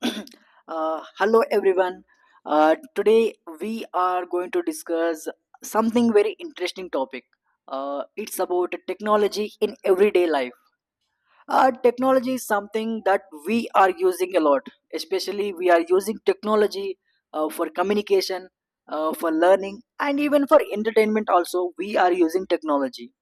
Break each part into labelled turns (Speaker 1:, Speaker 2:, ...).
Speaker 1: Hello everyone. Today we are going to discuss something very interesting topic. It's about technology in everyday life. Technology is something that we are using a lot. Especially we are using technology for communication, for learning, and even for entertainment. Also, we are using technology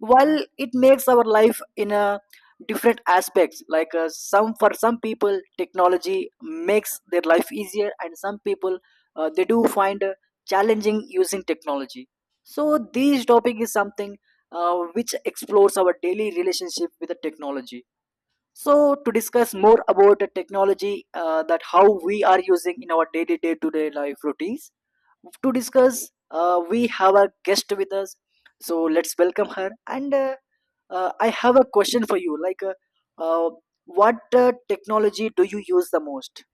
Speaker 1: while it makes our life in a different aspects like some for some people technology makes their life easier, and some people they do find challenging using technology. So this topic is something which explores our daily relationship with the technology. So to discuss more about the technology, that how we are using in our daily day to day life routines, to discuss, we have a guest with us. So let's welcome her. And I have a question for you. Like, uh, what technology do you use the most?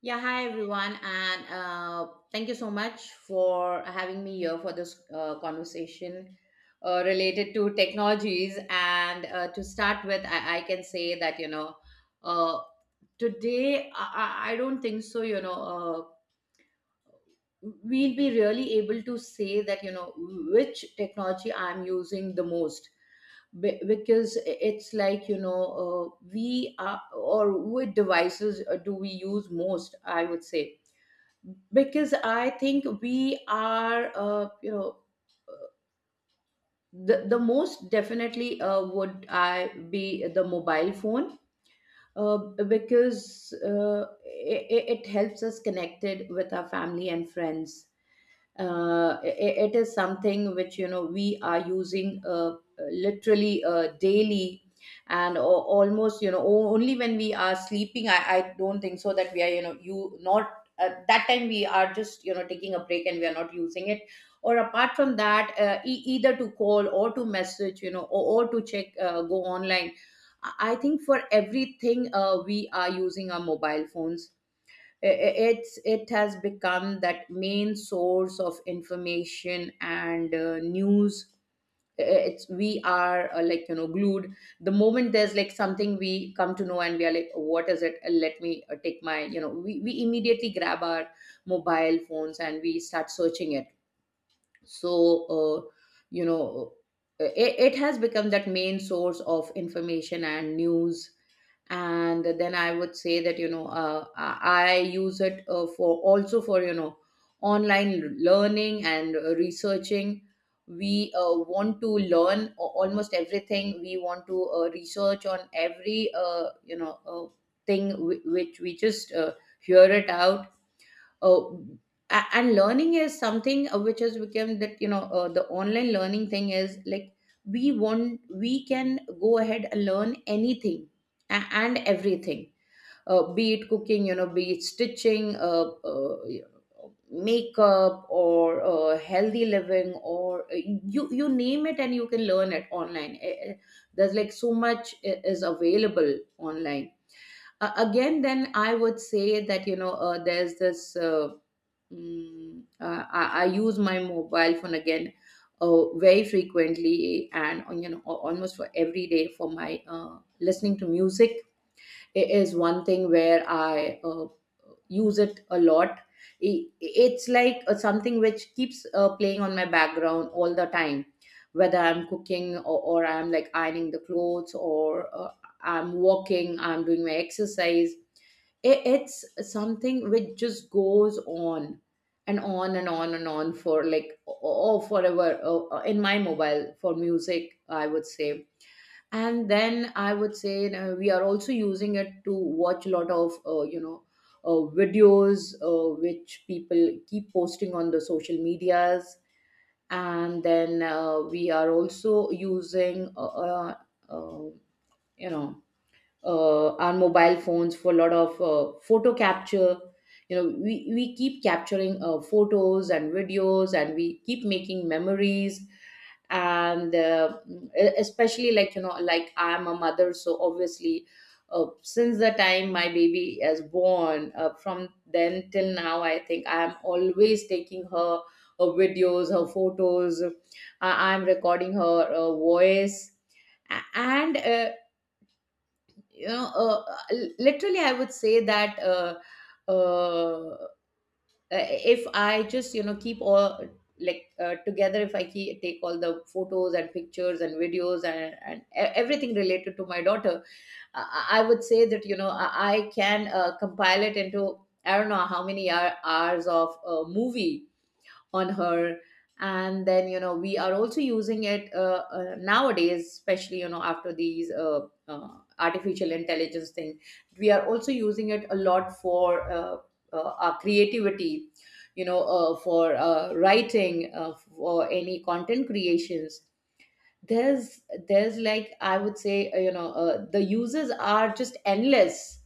Speaker 2: Yeah, hi everyone, and thank you so much for having me here for this conversation related to technologies. And to start with, I can say that uh, today I don't think so. We'll be really able to say that you know which technology I'm using the most. Because it's like we are or which devices do we use most? I would say because I think we are you know the most definitely would I be the mobile phone, uh, because it helps us connected with our family and friends. It is something which you know we are using literally daily, and almost you know only when we are sleeping I don't think so that we are you know you not at that time, we are just you know taking a break and we are not using it. Or apart from that, either to call or to message, you know, or to check, go online. I think for everything we are using our mobile phones I- it's it has become that main source of information and news. It's we are like you know glued. The moment there's like something we come to know and we are like, what is it, let me take my you know we immediately grab our mobile phones and we start searching it. So uh, you know it has become that main source of information and news. And then I would say that I use it for also for you know online learning and researching. We want to learn, almost everything we want to research on every thing which we just hear it out. Oh, and learning is something which has become that the online learning thing is like we want, we can go ahead and learn anything and everything. Be it cooking, you know, be it stitching, makeup, or healthy living, or you, you name it and you can learn it online. There's like so much is available online. Again, then I would say that there's this I use my mobile phone again very frequently and on, you know, almost for every day for my listening to music. It is one thing where I use it a lot. It's like something which keeps playing on my background all the time, whether I'm cooking, or I'm like ironing the clothes, or I'm walking, I'm doing my exercise. It's something which just goes on and on and on and on for like, oh, forever, in my mobile for music, I would say. And then I would say you, we are also using it to watch a lot of videos which people keep posting on the social medias. And then we are also using uh, you know our mobile phones for a lot of photo capture. You know, we keep capturing photos and videos and we keep making memories. And especially like you know, like, I am a mother, so obviously since the time my baby is born, from then till now, I think I am always taking her videos, her photos, I am recording her voice. And you know, uh, literally, I would say that uh, uh, if I just, you know, keep all like together, if I keep, take all the photos and pictures and videos and everything related to my daughter, I would say that, you know, I can compile it into, I don't know how many hours of a movie on her. And then you know we are also using it nowadays, especially you know after these uh, artificial intelligence thing, we are also using it a lot for our creativity, you know, for writing, for any content creations. There's there's like, I would say, the users are just endless.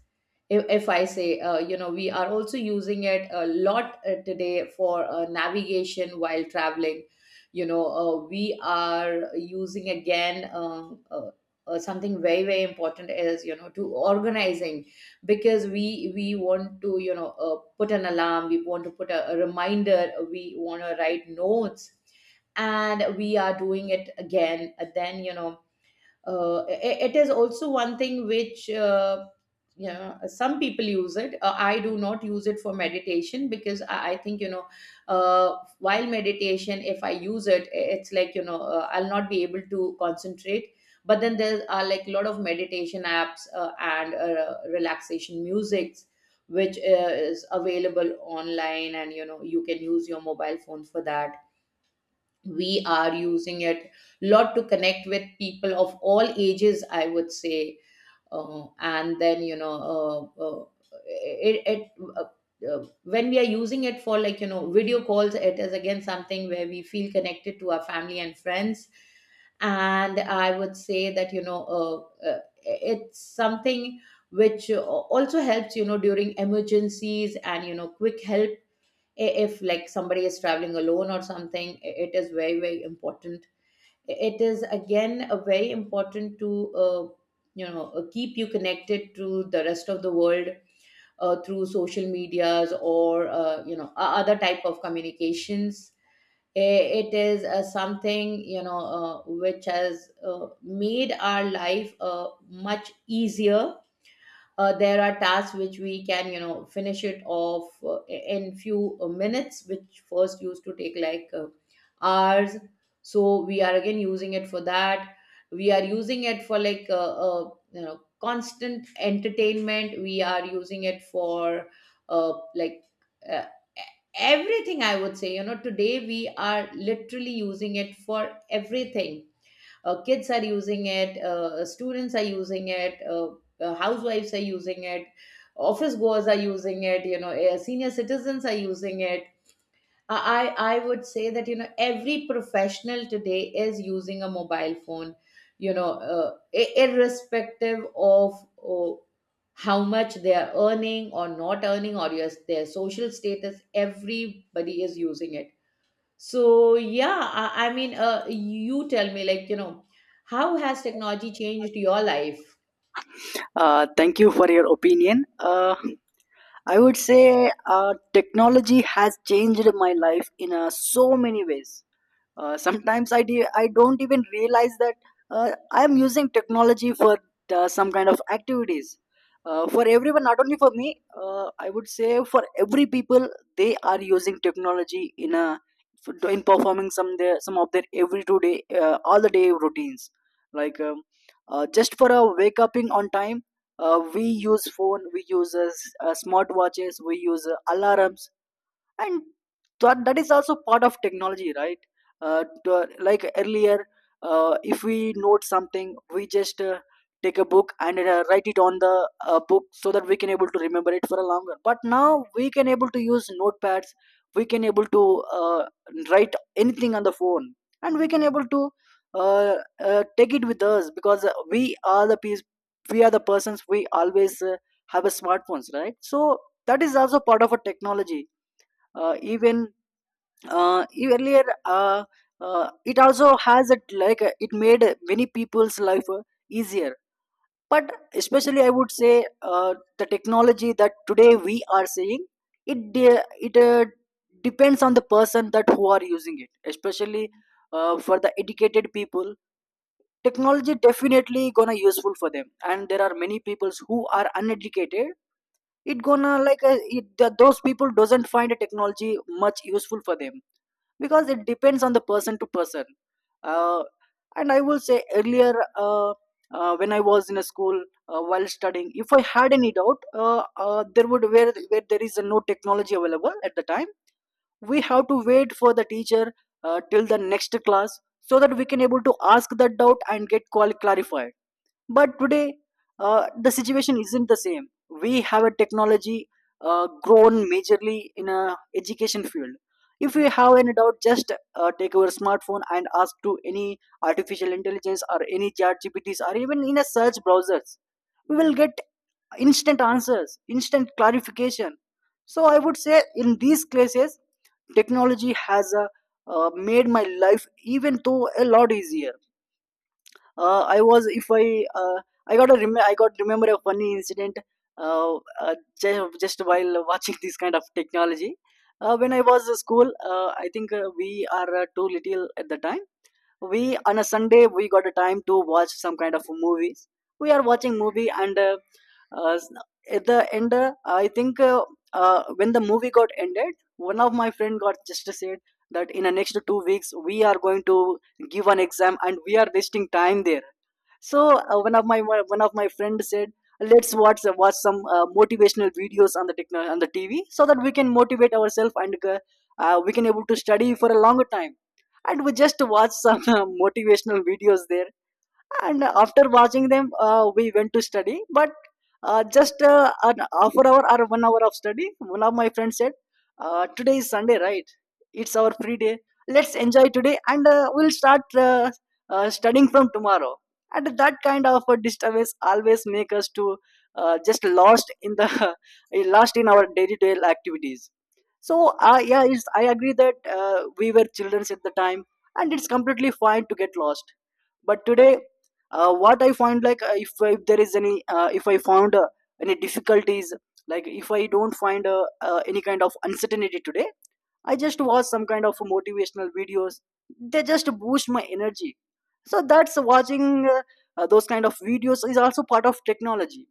Speaker 2: If I say, you know, we are also using it a lot today for navigation while traveling. You know, we are using again something very, very important is, you know, to organizing, because we want to you know put an alarm, we want to put a reminder, we want to write notes, and we are doing it again. Then you know it is also one thing which you know some people use it. I do not use it for meditation, because I think you know while meditation if I use it, it's like you know I'll not be able to concentrate. But then there are like a lot of meditation apps and relaxation musics which is available online, and you know you can use your mobile phone for that. We are using it lot to connect with people of all ages, I would say. And then you know it, it uh, when we are using it for like you know video calls, it is again something where we feel connected to our family and friends. And I would say that you know it's something which also helps you know during emergencies and you know quick help. If like somebody is traveling alone or something, it is very, very important. It is again a very important to uh, you know keep you connected to the rest of the world through social medias or you know other type of communications. It is something you know which has made our life much easier. There are tasks which we can you know finish it off in few minutes which first used to take like hours. So we are again using it for that. We are using it for like you know constant entertainment. We are using it for uh, like uh, everything, I would say. You know, today we are literally using it for everything. Kids are using it, students are using it, housewives are using it, office goers are using it, you know, senior citizens are using it. I would say that you know every professional today is using a mobile phone. You know, irrespective of uh, how much they are earning or not earning or your, their social status, everybody is using it. So yeah, I mean, you tell me, like, you know, how has technology changed your life?
Speaker 1: Thank you for your opinion. I would say technology has changed my life in so many ways. Sometimes I don't even realize that I am using technology for some kind of activities. For everyone, not only for me, I would say for every people, they are using technology in a in performing some of their every 2 day all the day routines. Like um, just for a wake upping on time, we use phone, we use smartwatches, we use alarms, and that is also part of technology, right? Like earlier, if we note something, we just take a book and write it on the book so that we can able to remember it for a longer, but now we can able to use notepads. We can able to uh, write anything on the phone and we can able to uh, take it with us because we are the persons, we always have a smartphones, right? So that is also part of a technology. Even uh, Earlier it also has it like it made many people's life easier, but especially I would say the technology that today we are seeing, it de- it depends on the person that who are using it. Especially for the educated people, technology definitely gonna useful for them, and there are many peoples who are uneducated, it gonna like those people doesn't find a technology much useful for them because it depends on the person to person. uh, and I will say earlier uh, when I was in a school, while studying, if I had any doubt, there would where there is no technology available at the time, we have to wait for the teacher till the next class so that we can able to ask that doubt and get clarified. But today, the situation isn't the same. We have a technology grown majorly in a education field. If you have any doubt, just take our smartphone and ask to any artificial intelligence or any chat GPTs or even in a search browsers. We will get instant answers, instant clarification. So I would say in these cases, technology has made my life even though a lot easier. I was if I uh, I got I got remember a funny incident. uh, just while watching this kind of technology, when I was at school, I think we are too little at the time. We On a Sunday we got a time to watch some kind of movies. We are watching movie, and uh, at the end I think when the movie got ended, one of my friend got just said that in the next 2 weeks we are going to give an exam, and we are wasting time there. So one of my friend said, let's watch some motivational videos on the TV so that we can motivate ourselves, and we can able to study for a longer time. And we just watch some motivational videos there, and after watching them, we went to study. But just an half an hour or one hour of study, one of my friends said, today is Sunday, right? It's our free day. Let's enjoy today, and we'll start studying from tomorrow. And that kind of a disturbance always make us to just lost in the lost in our day-to-day activities. So yeah, it's, I agree that we were children at the time, and it's completely fine to get lost. But today, what I find like, if there is any if I found any difficulties, like if I don't find any kind of uncertainty today, I just watch some kind of motivational videos. They just boost my energy. So that's watching those kind of videos is also part of technology.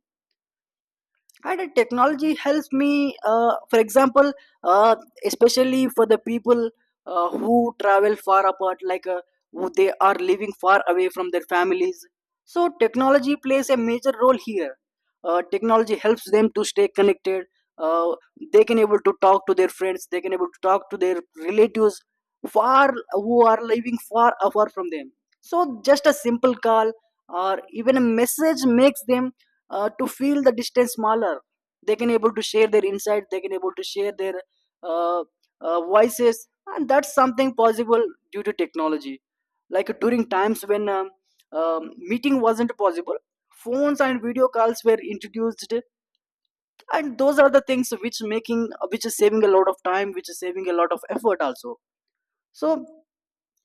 Speaker 1: And technology helps me, for example, uh, especially for the people who travel far apart, like who they are living far away from their families. So technology plays a major role here. Technology helps them to stay connected. uh, they can able to talk to their friends, they can able to talk to their relatives far who are living far apart from them. So just a simple call or even a message makes them to feel the distance smaller. They can able to share their insight, they can able to share their uh, voices, and that's something possible due to technology. Like during times when meeting wasn't possible, phones and video calls were introduced, and those are the things which making, which is saving a lot of time, which is saving a lot of effort also. So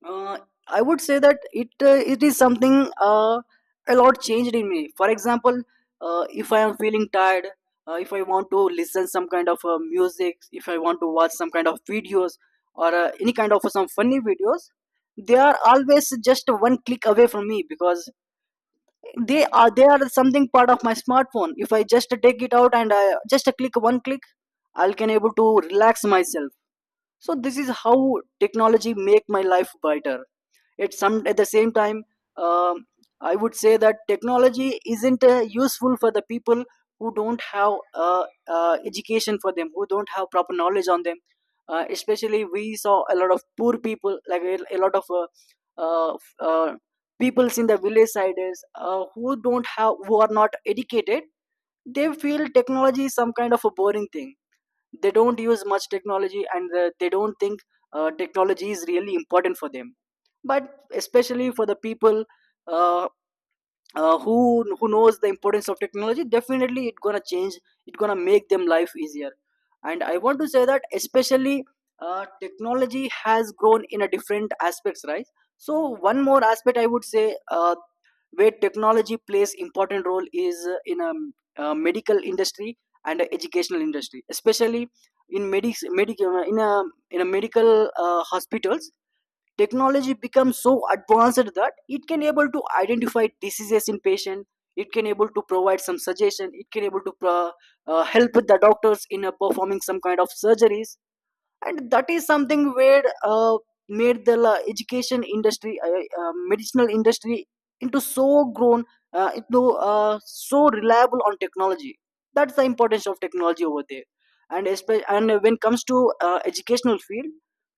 Speaker 1: uh, I would say that it is something uh, a lot changed in me. For example, if I am feeling tired, if I want to listen some kind of music, if I want to watch some kind of videos, or any kind of some funny videos, they are always just one click away from me, because they are something part of my smartphone. If I just take it out and I just click one click, I'll can able to relax myself. So this is how technology make my life brighter. At some at the same time, um, I would say that technology isn't useful for the people who don't have education for them, who don't have proper knowledge on them. Especially we saw a lot of poor people, like a lot of uh, f- uh, peoples in the village sides who don't have, who are not educated. They feel technology is some kind of a boring thing. They don't use much technology, and they don't think technology is really important for them. But especially for the people uh, uh, who who knows the importance of technology, definitely it's gonna change, it's gonna make them life easier. And I want to say that especially technology has grown in a different aspects, right? So one more aspect I would say where technology plays important role is in a medical industry and educational industry. Especially in medics medic, in a medical hospitals, technology becomes so advanced that it can able to identify diseases in patient. It can able to provide some suggestion, it can able to help the doctors in performing some kind of surgeries. And that is something where uh, made the education industry, medicinal industry, into so grown, into so reliable on technology. That's the importance of technology over there. And and when it comes to educational field,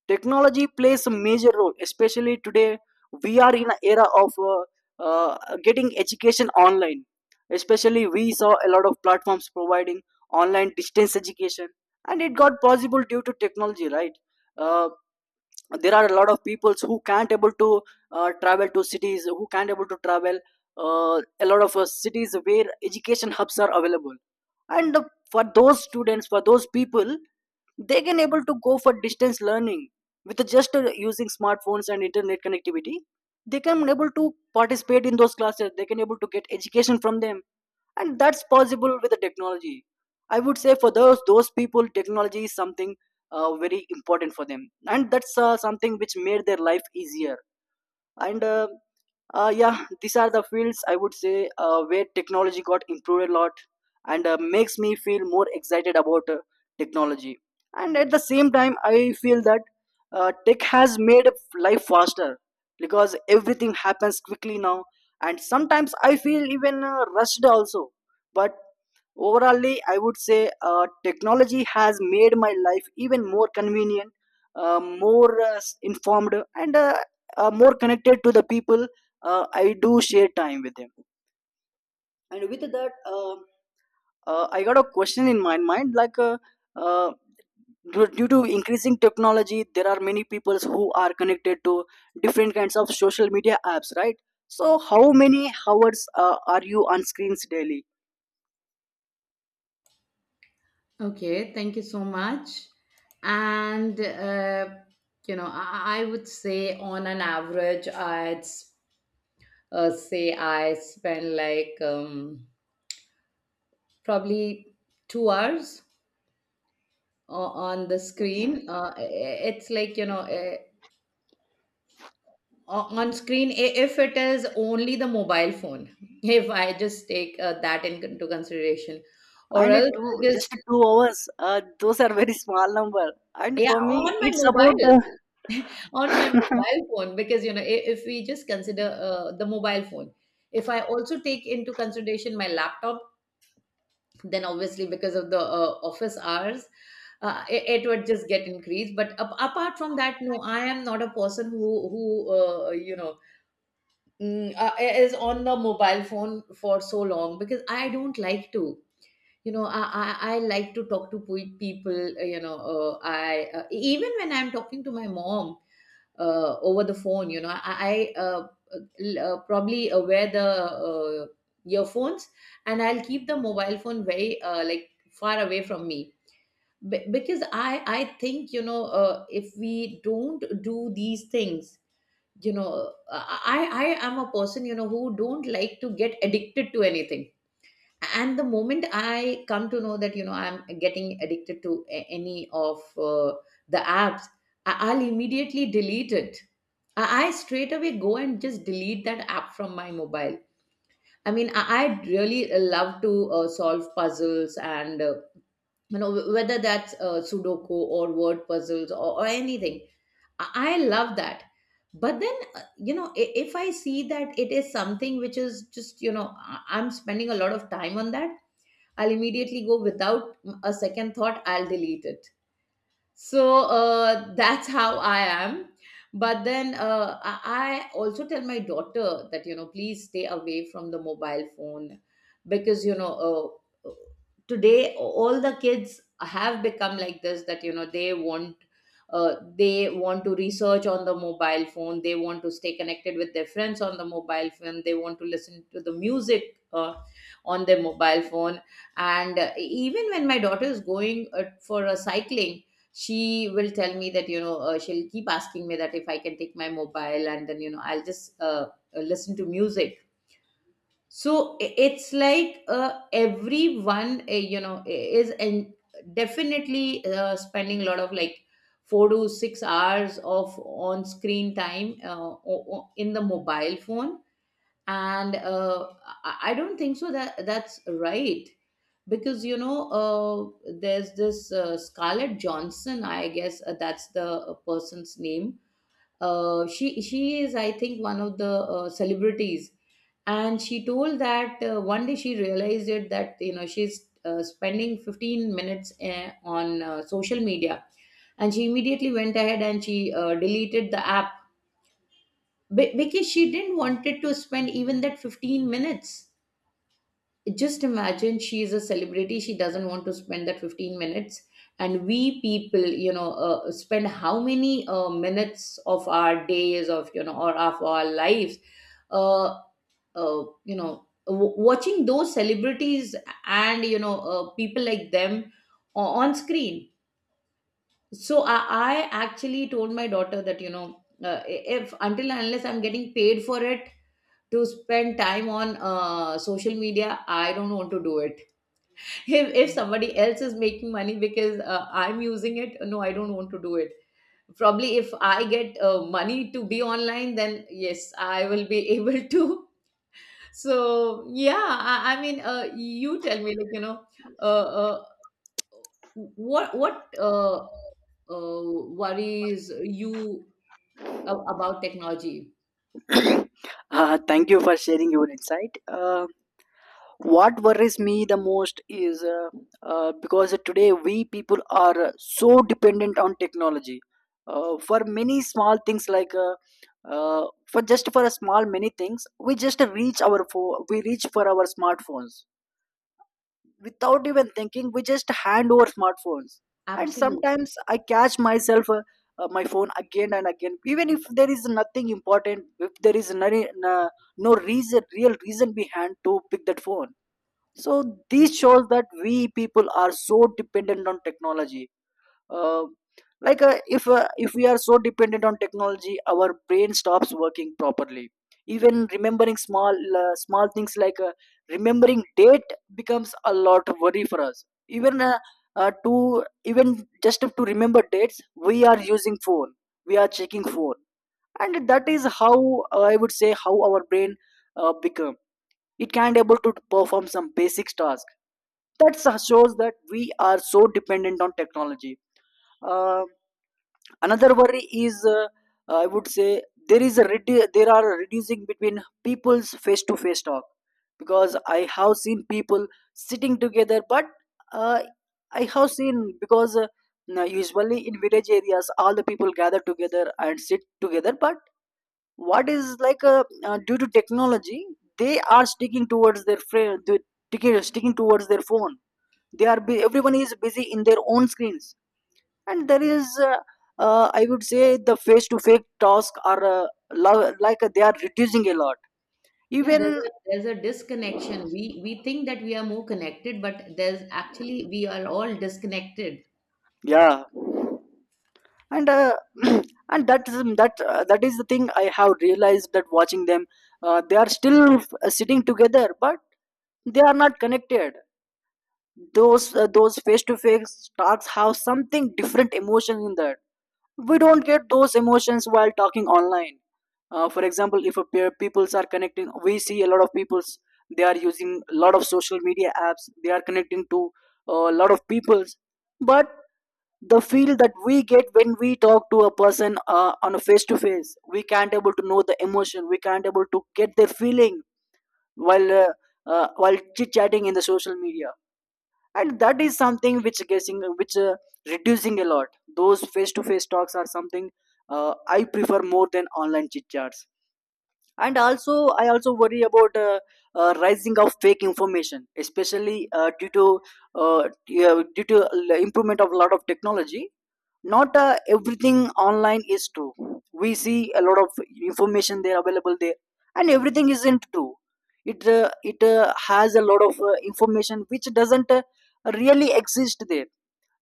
Speaker 1: technology plays a major role. Especially today we are in an era of uh, getting education online. Especially we saw a lot of platforms providing online distance education, and it got possible due to technology, right? uh, there are a lot of peoples who can't able to travel to cities, who can't able to travel uh, a lot of cities where education hubs are available. And for those students, for those people, they can able to go for distance learning with just using smartphones and internet connectivity. They can able to participate in those classes, they can able to get education from them, and that's possible with the technology. I would say for those people technology is something very important for them, and that's something which made their life easier, and yeah, these are the fields I would say where technology got improved a lot, and makes me feel more excited about technology. And at the same time, I feel that tech has made life faster, because everything happens quickly now, and sometimes I feel even rushed also. But overallly, I would say technology has made my life even more convenient, more informed, and more connected to the people I do share time with them. And with that, I got a question in my mind like, uh, due to increasing technology, there are many people who are connected to different kinds of social media apps, right? So, how many hours are you on screens daily?
Speaker 2: Okay, thank you so much. And you know, I would say on an average, say I spend like probably 2 hours on the screen. It's like you know, on screen, if it is only the mobile phone if I just take that into consideration or
Speaker 1: And a
Speaker 2: else
Speaker 1: two just
Speaker 2: because
Speaker 1: 2 hours, those are very small number, and
Speaker 2: yeah,
Speaker 1: for me
Speaker 2: on my
Speaker 1: it's about
Speaker 2: mobile, on my mobile phone, because you know, if we just consider the mobile phone, if I also take into consideration my laptop, then obviously because of the office hours, it would just get increased. But apart from that, no, I am not a person who uh, you know is on the mobile phone for so long, because I don't like to. You know, I like to talk to people. You know, I even when I'm talking to my mom over the phone, you know, probably wear the earphones, and I'll keep the mobile phone very like far away from me. Because I think, you know, if we don't do these things, you know. i I am a person, you know, who don't like to get addicted to anything. And the moment I come to know that, you know, I'm getting addicted to any of the apps, I'll immediately delete it. I straight away go and just delete that app from my mobile. I mean, I really love to solve puzzles and, you know, whether that's sudoku or word puzzles, or anything. I love that. But then, you know, if I see that it is something which is just, you know, I'm spending a lot of time on that, I'll immediately go without a second thought, I'll delete it. So that's how I am. But then I also tell my daughter that, you know, please stay away from the mobile phone, because, you know, uh, today all the kids have become like this, that, you know, they want to research on the mobile phone, they want to stay connected with their friends on the mobile phone, they want to listen to the music on their mobile phone. And even when my daughter is going, for a cycling, she will tell me that, you know, she'll keep asking me that if I can take my mobile, and then, you know, I'll just listen to music. So it's like, everyone, you know, is, and definitely spending a lot of, like, 4 to 6 hours of on screen time, in the mobile phone. And I don't think so that that's right. Because, you know, there's this Scarlett Johnson, I guess, that's the person's name. She is, I think, one of the celebrities. And she told that, one day she realized it that, you know, she's spending 15 minutes on social media, and she immediately went ahead and she deleted the app, because she didn't wanted to spend even that 15 minutes. Just imagine, she is a celebrity, she doesn't want to spend that 15 minutes. And we people, you know, spend how many minutes of our days, of, you know, or of our lives, uh, you know, watching those celebrities, and, you know, people like them, on screen. So I actually told my daughter that, you know, if, until and unless I'm getting paid for it, to spend time on social media, I don't want to do it. If somebody else is making money because I'm using it, no, I don't want to do it. Probably if I get money to be online, then yes, I will be able to. So yeah, I mean, you tell me, like, you know, uh, uh, what worries you about technology.
Speaker 1: thank you for sharing your insight. What worries me the most is, because today we people are so dependent on technology for many small things, like uh, for just for a small many things, we just reach we reach for our smartphones without even thinking, we just hand over smartphones. And
Speaker 2: Absolutely.
Speaker 1: sometimes I catch myself my phone again and again, even if there is nothing important, if there is no reason real reason behind to pick that phone. So this shows that we people are so dependent on technology. uh, like, if we are so dependent on technology, our brain stops working properly, even remembering small small things, like remembering date becomes a lot of worry for us, even to even just to remember dates we are using phone, we are checking phone. And that is how, I would say, how our brain become, it can't able to perform some basic task. That shows that we are so dependent on technology. Uh, Another worry is, I would say, there there are a reducing between people's face to face talk, because I have seen people sitting together, but uh, I have seen, because now usually in village areas all the people gather together and sit together, but what is like due to technology, they are sticking towards their friend, sticking towards their phone, everyone is busy in their own screens. And there is I would say, the face to face tasks are like, they are reducing a lot.
Speaker 2: Yeah, there's
Speaker 1: Even
Speaker 2: a there's a disconnection. We think that we are more connected, but there's actually we are all disconnected.
Speaker 1: yeah. And and that is the thing I have realized, that watching them, they are still sitting together but they are not connected. Those those face to face talks have something different emotion in that, we don't get those emotions while talking online. For example, if a pair peoples are connecting, we see a lot of peoples, they are using a lot of social media apps, they are connecting to a lot of peoples, but the feel that we get when we talk to a person on a face to face, we can't able to know the emotion, we can't able to get their feeling, while uh, while chit chatting in the social media. And that is something which guessing, which reducing a lot. Those face to face talks are something I prefer more than online chit chats. And also, I also worry about rising of fake information, especially due to improvement of a lot of technology. Not everything online is true, we see a lot of information there available there, and everything isn't true. It has a lot of information which doesn't really exist there.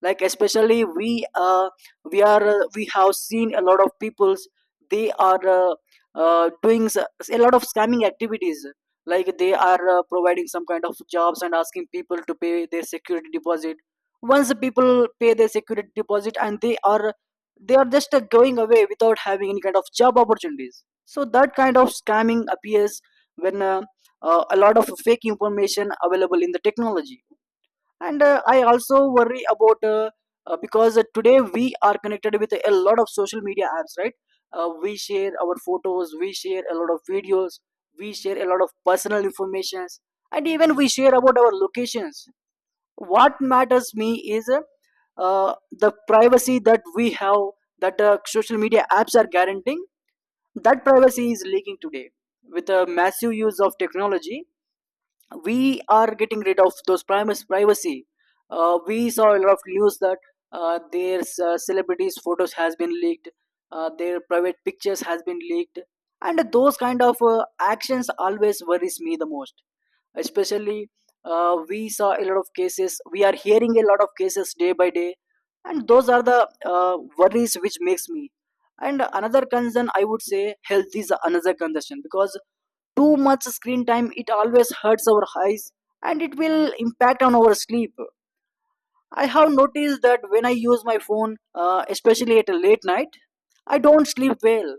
Speaker 1: Like, especially we have seen a lot of peoples, they are doing a lot of scamming activities, like they are providing some kind of jobs and asking people to pay their security deposit, once the people pay their security deposit, and they are just going away without having any kind of job opportunities, so that kind of scamming appears when a lot of fake information available in the technology. And I also worry about because today we are connected with a lot of social media apps, right? We share our photos, we share a lot of videos, we share a lot of personal informations, and even we share about our locations. What matters me is uh, the privacy that we have, that social media apps are guaranteeing, that privacy is leaking today. With a massive use of technology, we are getting rid of those primus privacy. We saw a lot of news that their celebrities' photos has been leaked, their private pictures has been leaked, and those kind of actions always worries me the most. Especially, we saw a lot of cases. We are hearing a lot of cases day by day, and those are the worries which makes me. And another concern, I would say health is another concern, because too much screen time it always hurts our eyes and it will impact on our sleep. I have noticed that when I use my phone, especially at a late night, I don't sleep well,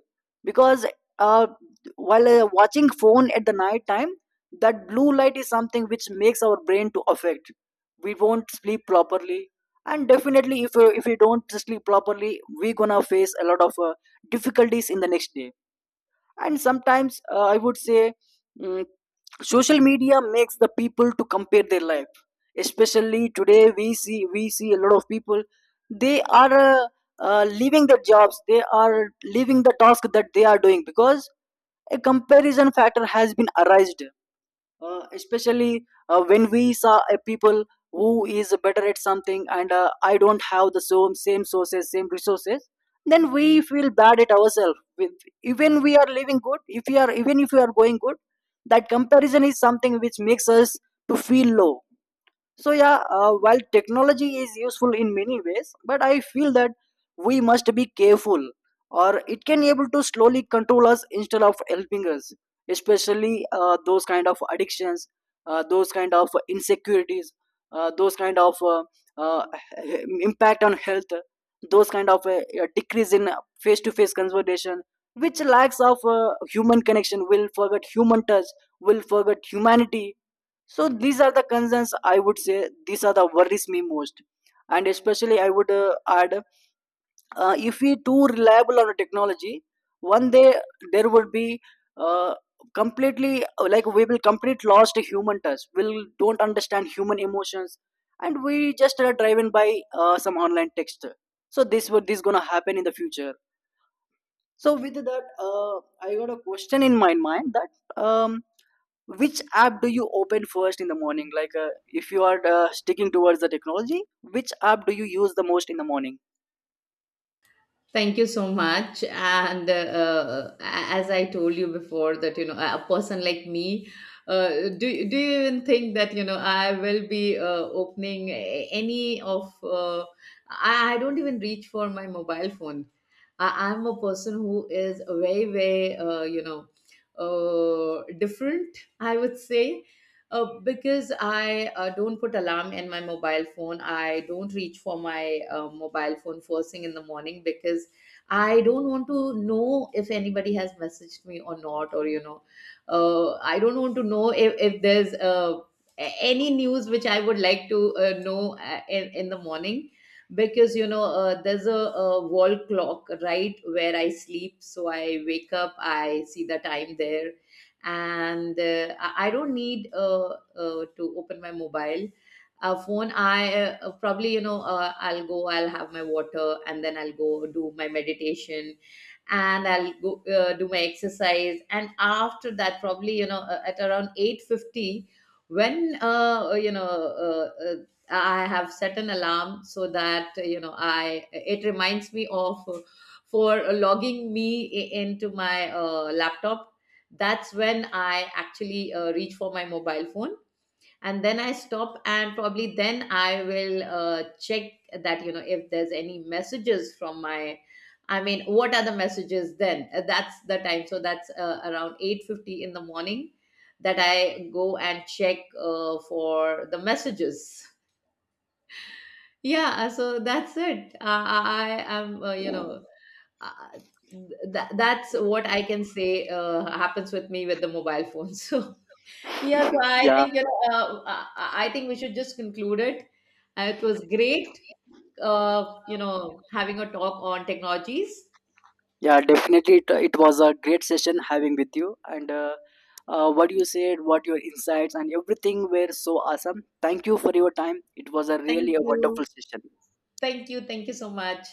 Speaker 1: because uh, while watching phone at the night time, that blue light is something which makes our brain to affect, we won't sleep properly. And definitely, if we don't sleep properly, we gonna face a lot of difficulties in the next day. And sometimes I would say, mm, social media makes the people to compare their life. Especially today we see a lot of people, they are leaving their jobs, they are leaving the task that they are doing because a comparison factor has been arised. Especially when we saw a people who is better at something, and I don't have the same resources, then we feel bad at ourselves. Even we are living good, if we are, even if we are going good, that comparison is something which makes us to feel low. So yeah, while technology is useful in many ways, but I feel that we must be careful, or it can be able to slowly control us instead of helping us. Especially those kind of addictions, those kind of insecurities, those kind of uh, impact on health, those kind of decrease in face-to-face conversation, which lacks of human connection, will forget human touch, will forget humanity. So these are the concerns, I would say these are the worries me most. And especially I would add, if we too reliable on a technology, one day there would be uh, completely, like we will complete lost human touch, we'll don't understand human emotions, and we just are driven by some online text. So this would, this gonna happen in the future. So with that, I got a question in my mind that, um, which app do you open first in the morning? Like, if you are sticking towards the technology, which app do you use the most in the morning?
Speaker 2: Thank you so much. And as I told you before, that, you know, a person like me, do you even think that, you know, I will be opening any of? I don't even reach for my mobile phone. I'm a person who is very, very, you know, different, I would say, because I don't put alarm in my mobile phone. I don't reach for my mobile phone first thing in the morning, because I don't want to know if anybody has messaged me or not, or, you know, I don't want to know if there's any news which I would like to know, in the morning. Because, you know, there's a wall clock right where I sleep, so I wake up, I see the time there. And I don't need, to open my mobile phone. I, probably, you know, I'll go, I'll have my water, and then I'll go do my meditation, and I'll go do my exercise. And after that, probably, you know, at around 8:50, when, you know, I have set an alarm so that, you know, it reminds me of, for logging me into my laptop. That's when I actually reach for my mobile phone, and then I stop, and probably then I will check that, you know, if there's any messages from my, I mean, what are the messages then. That's the time, so that's around 8:50 in the morning that I go and check for the messages. Yeah, so that's it. I am, you know, uh, that's what I can say happens with me with the mobile phone so yes, I
Speaker 1: Yeah,
Speaker 2: think, you know. I think we should just conclude it. It was great, you know, having a talk on technologies.
Speaker 1: yeah, definitely. It was a great session having with you. And what you said, what your insights, and everything were so awesome. Thank you for your time. It was a really
Speaker 2: Thank
Speaker 1: a
Speaker 2: you,
Speaker 1: wonderful session.
Speaker 2: thank you, thank you so much.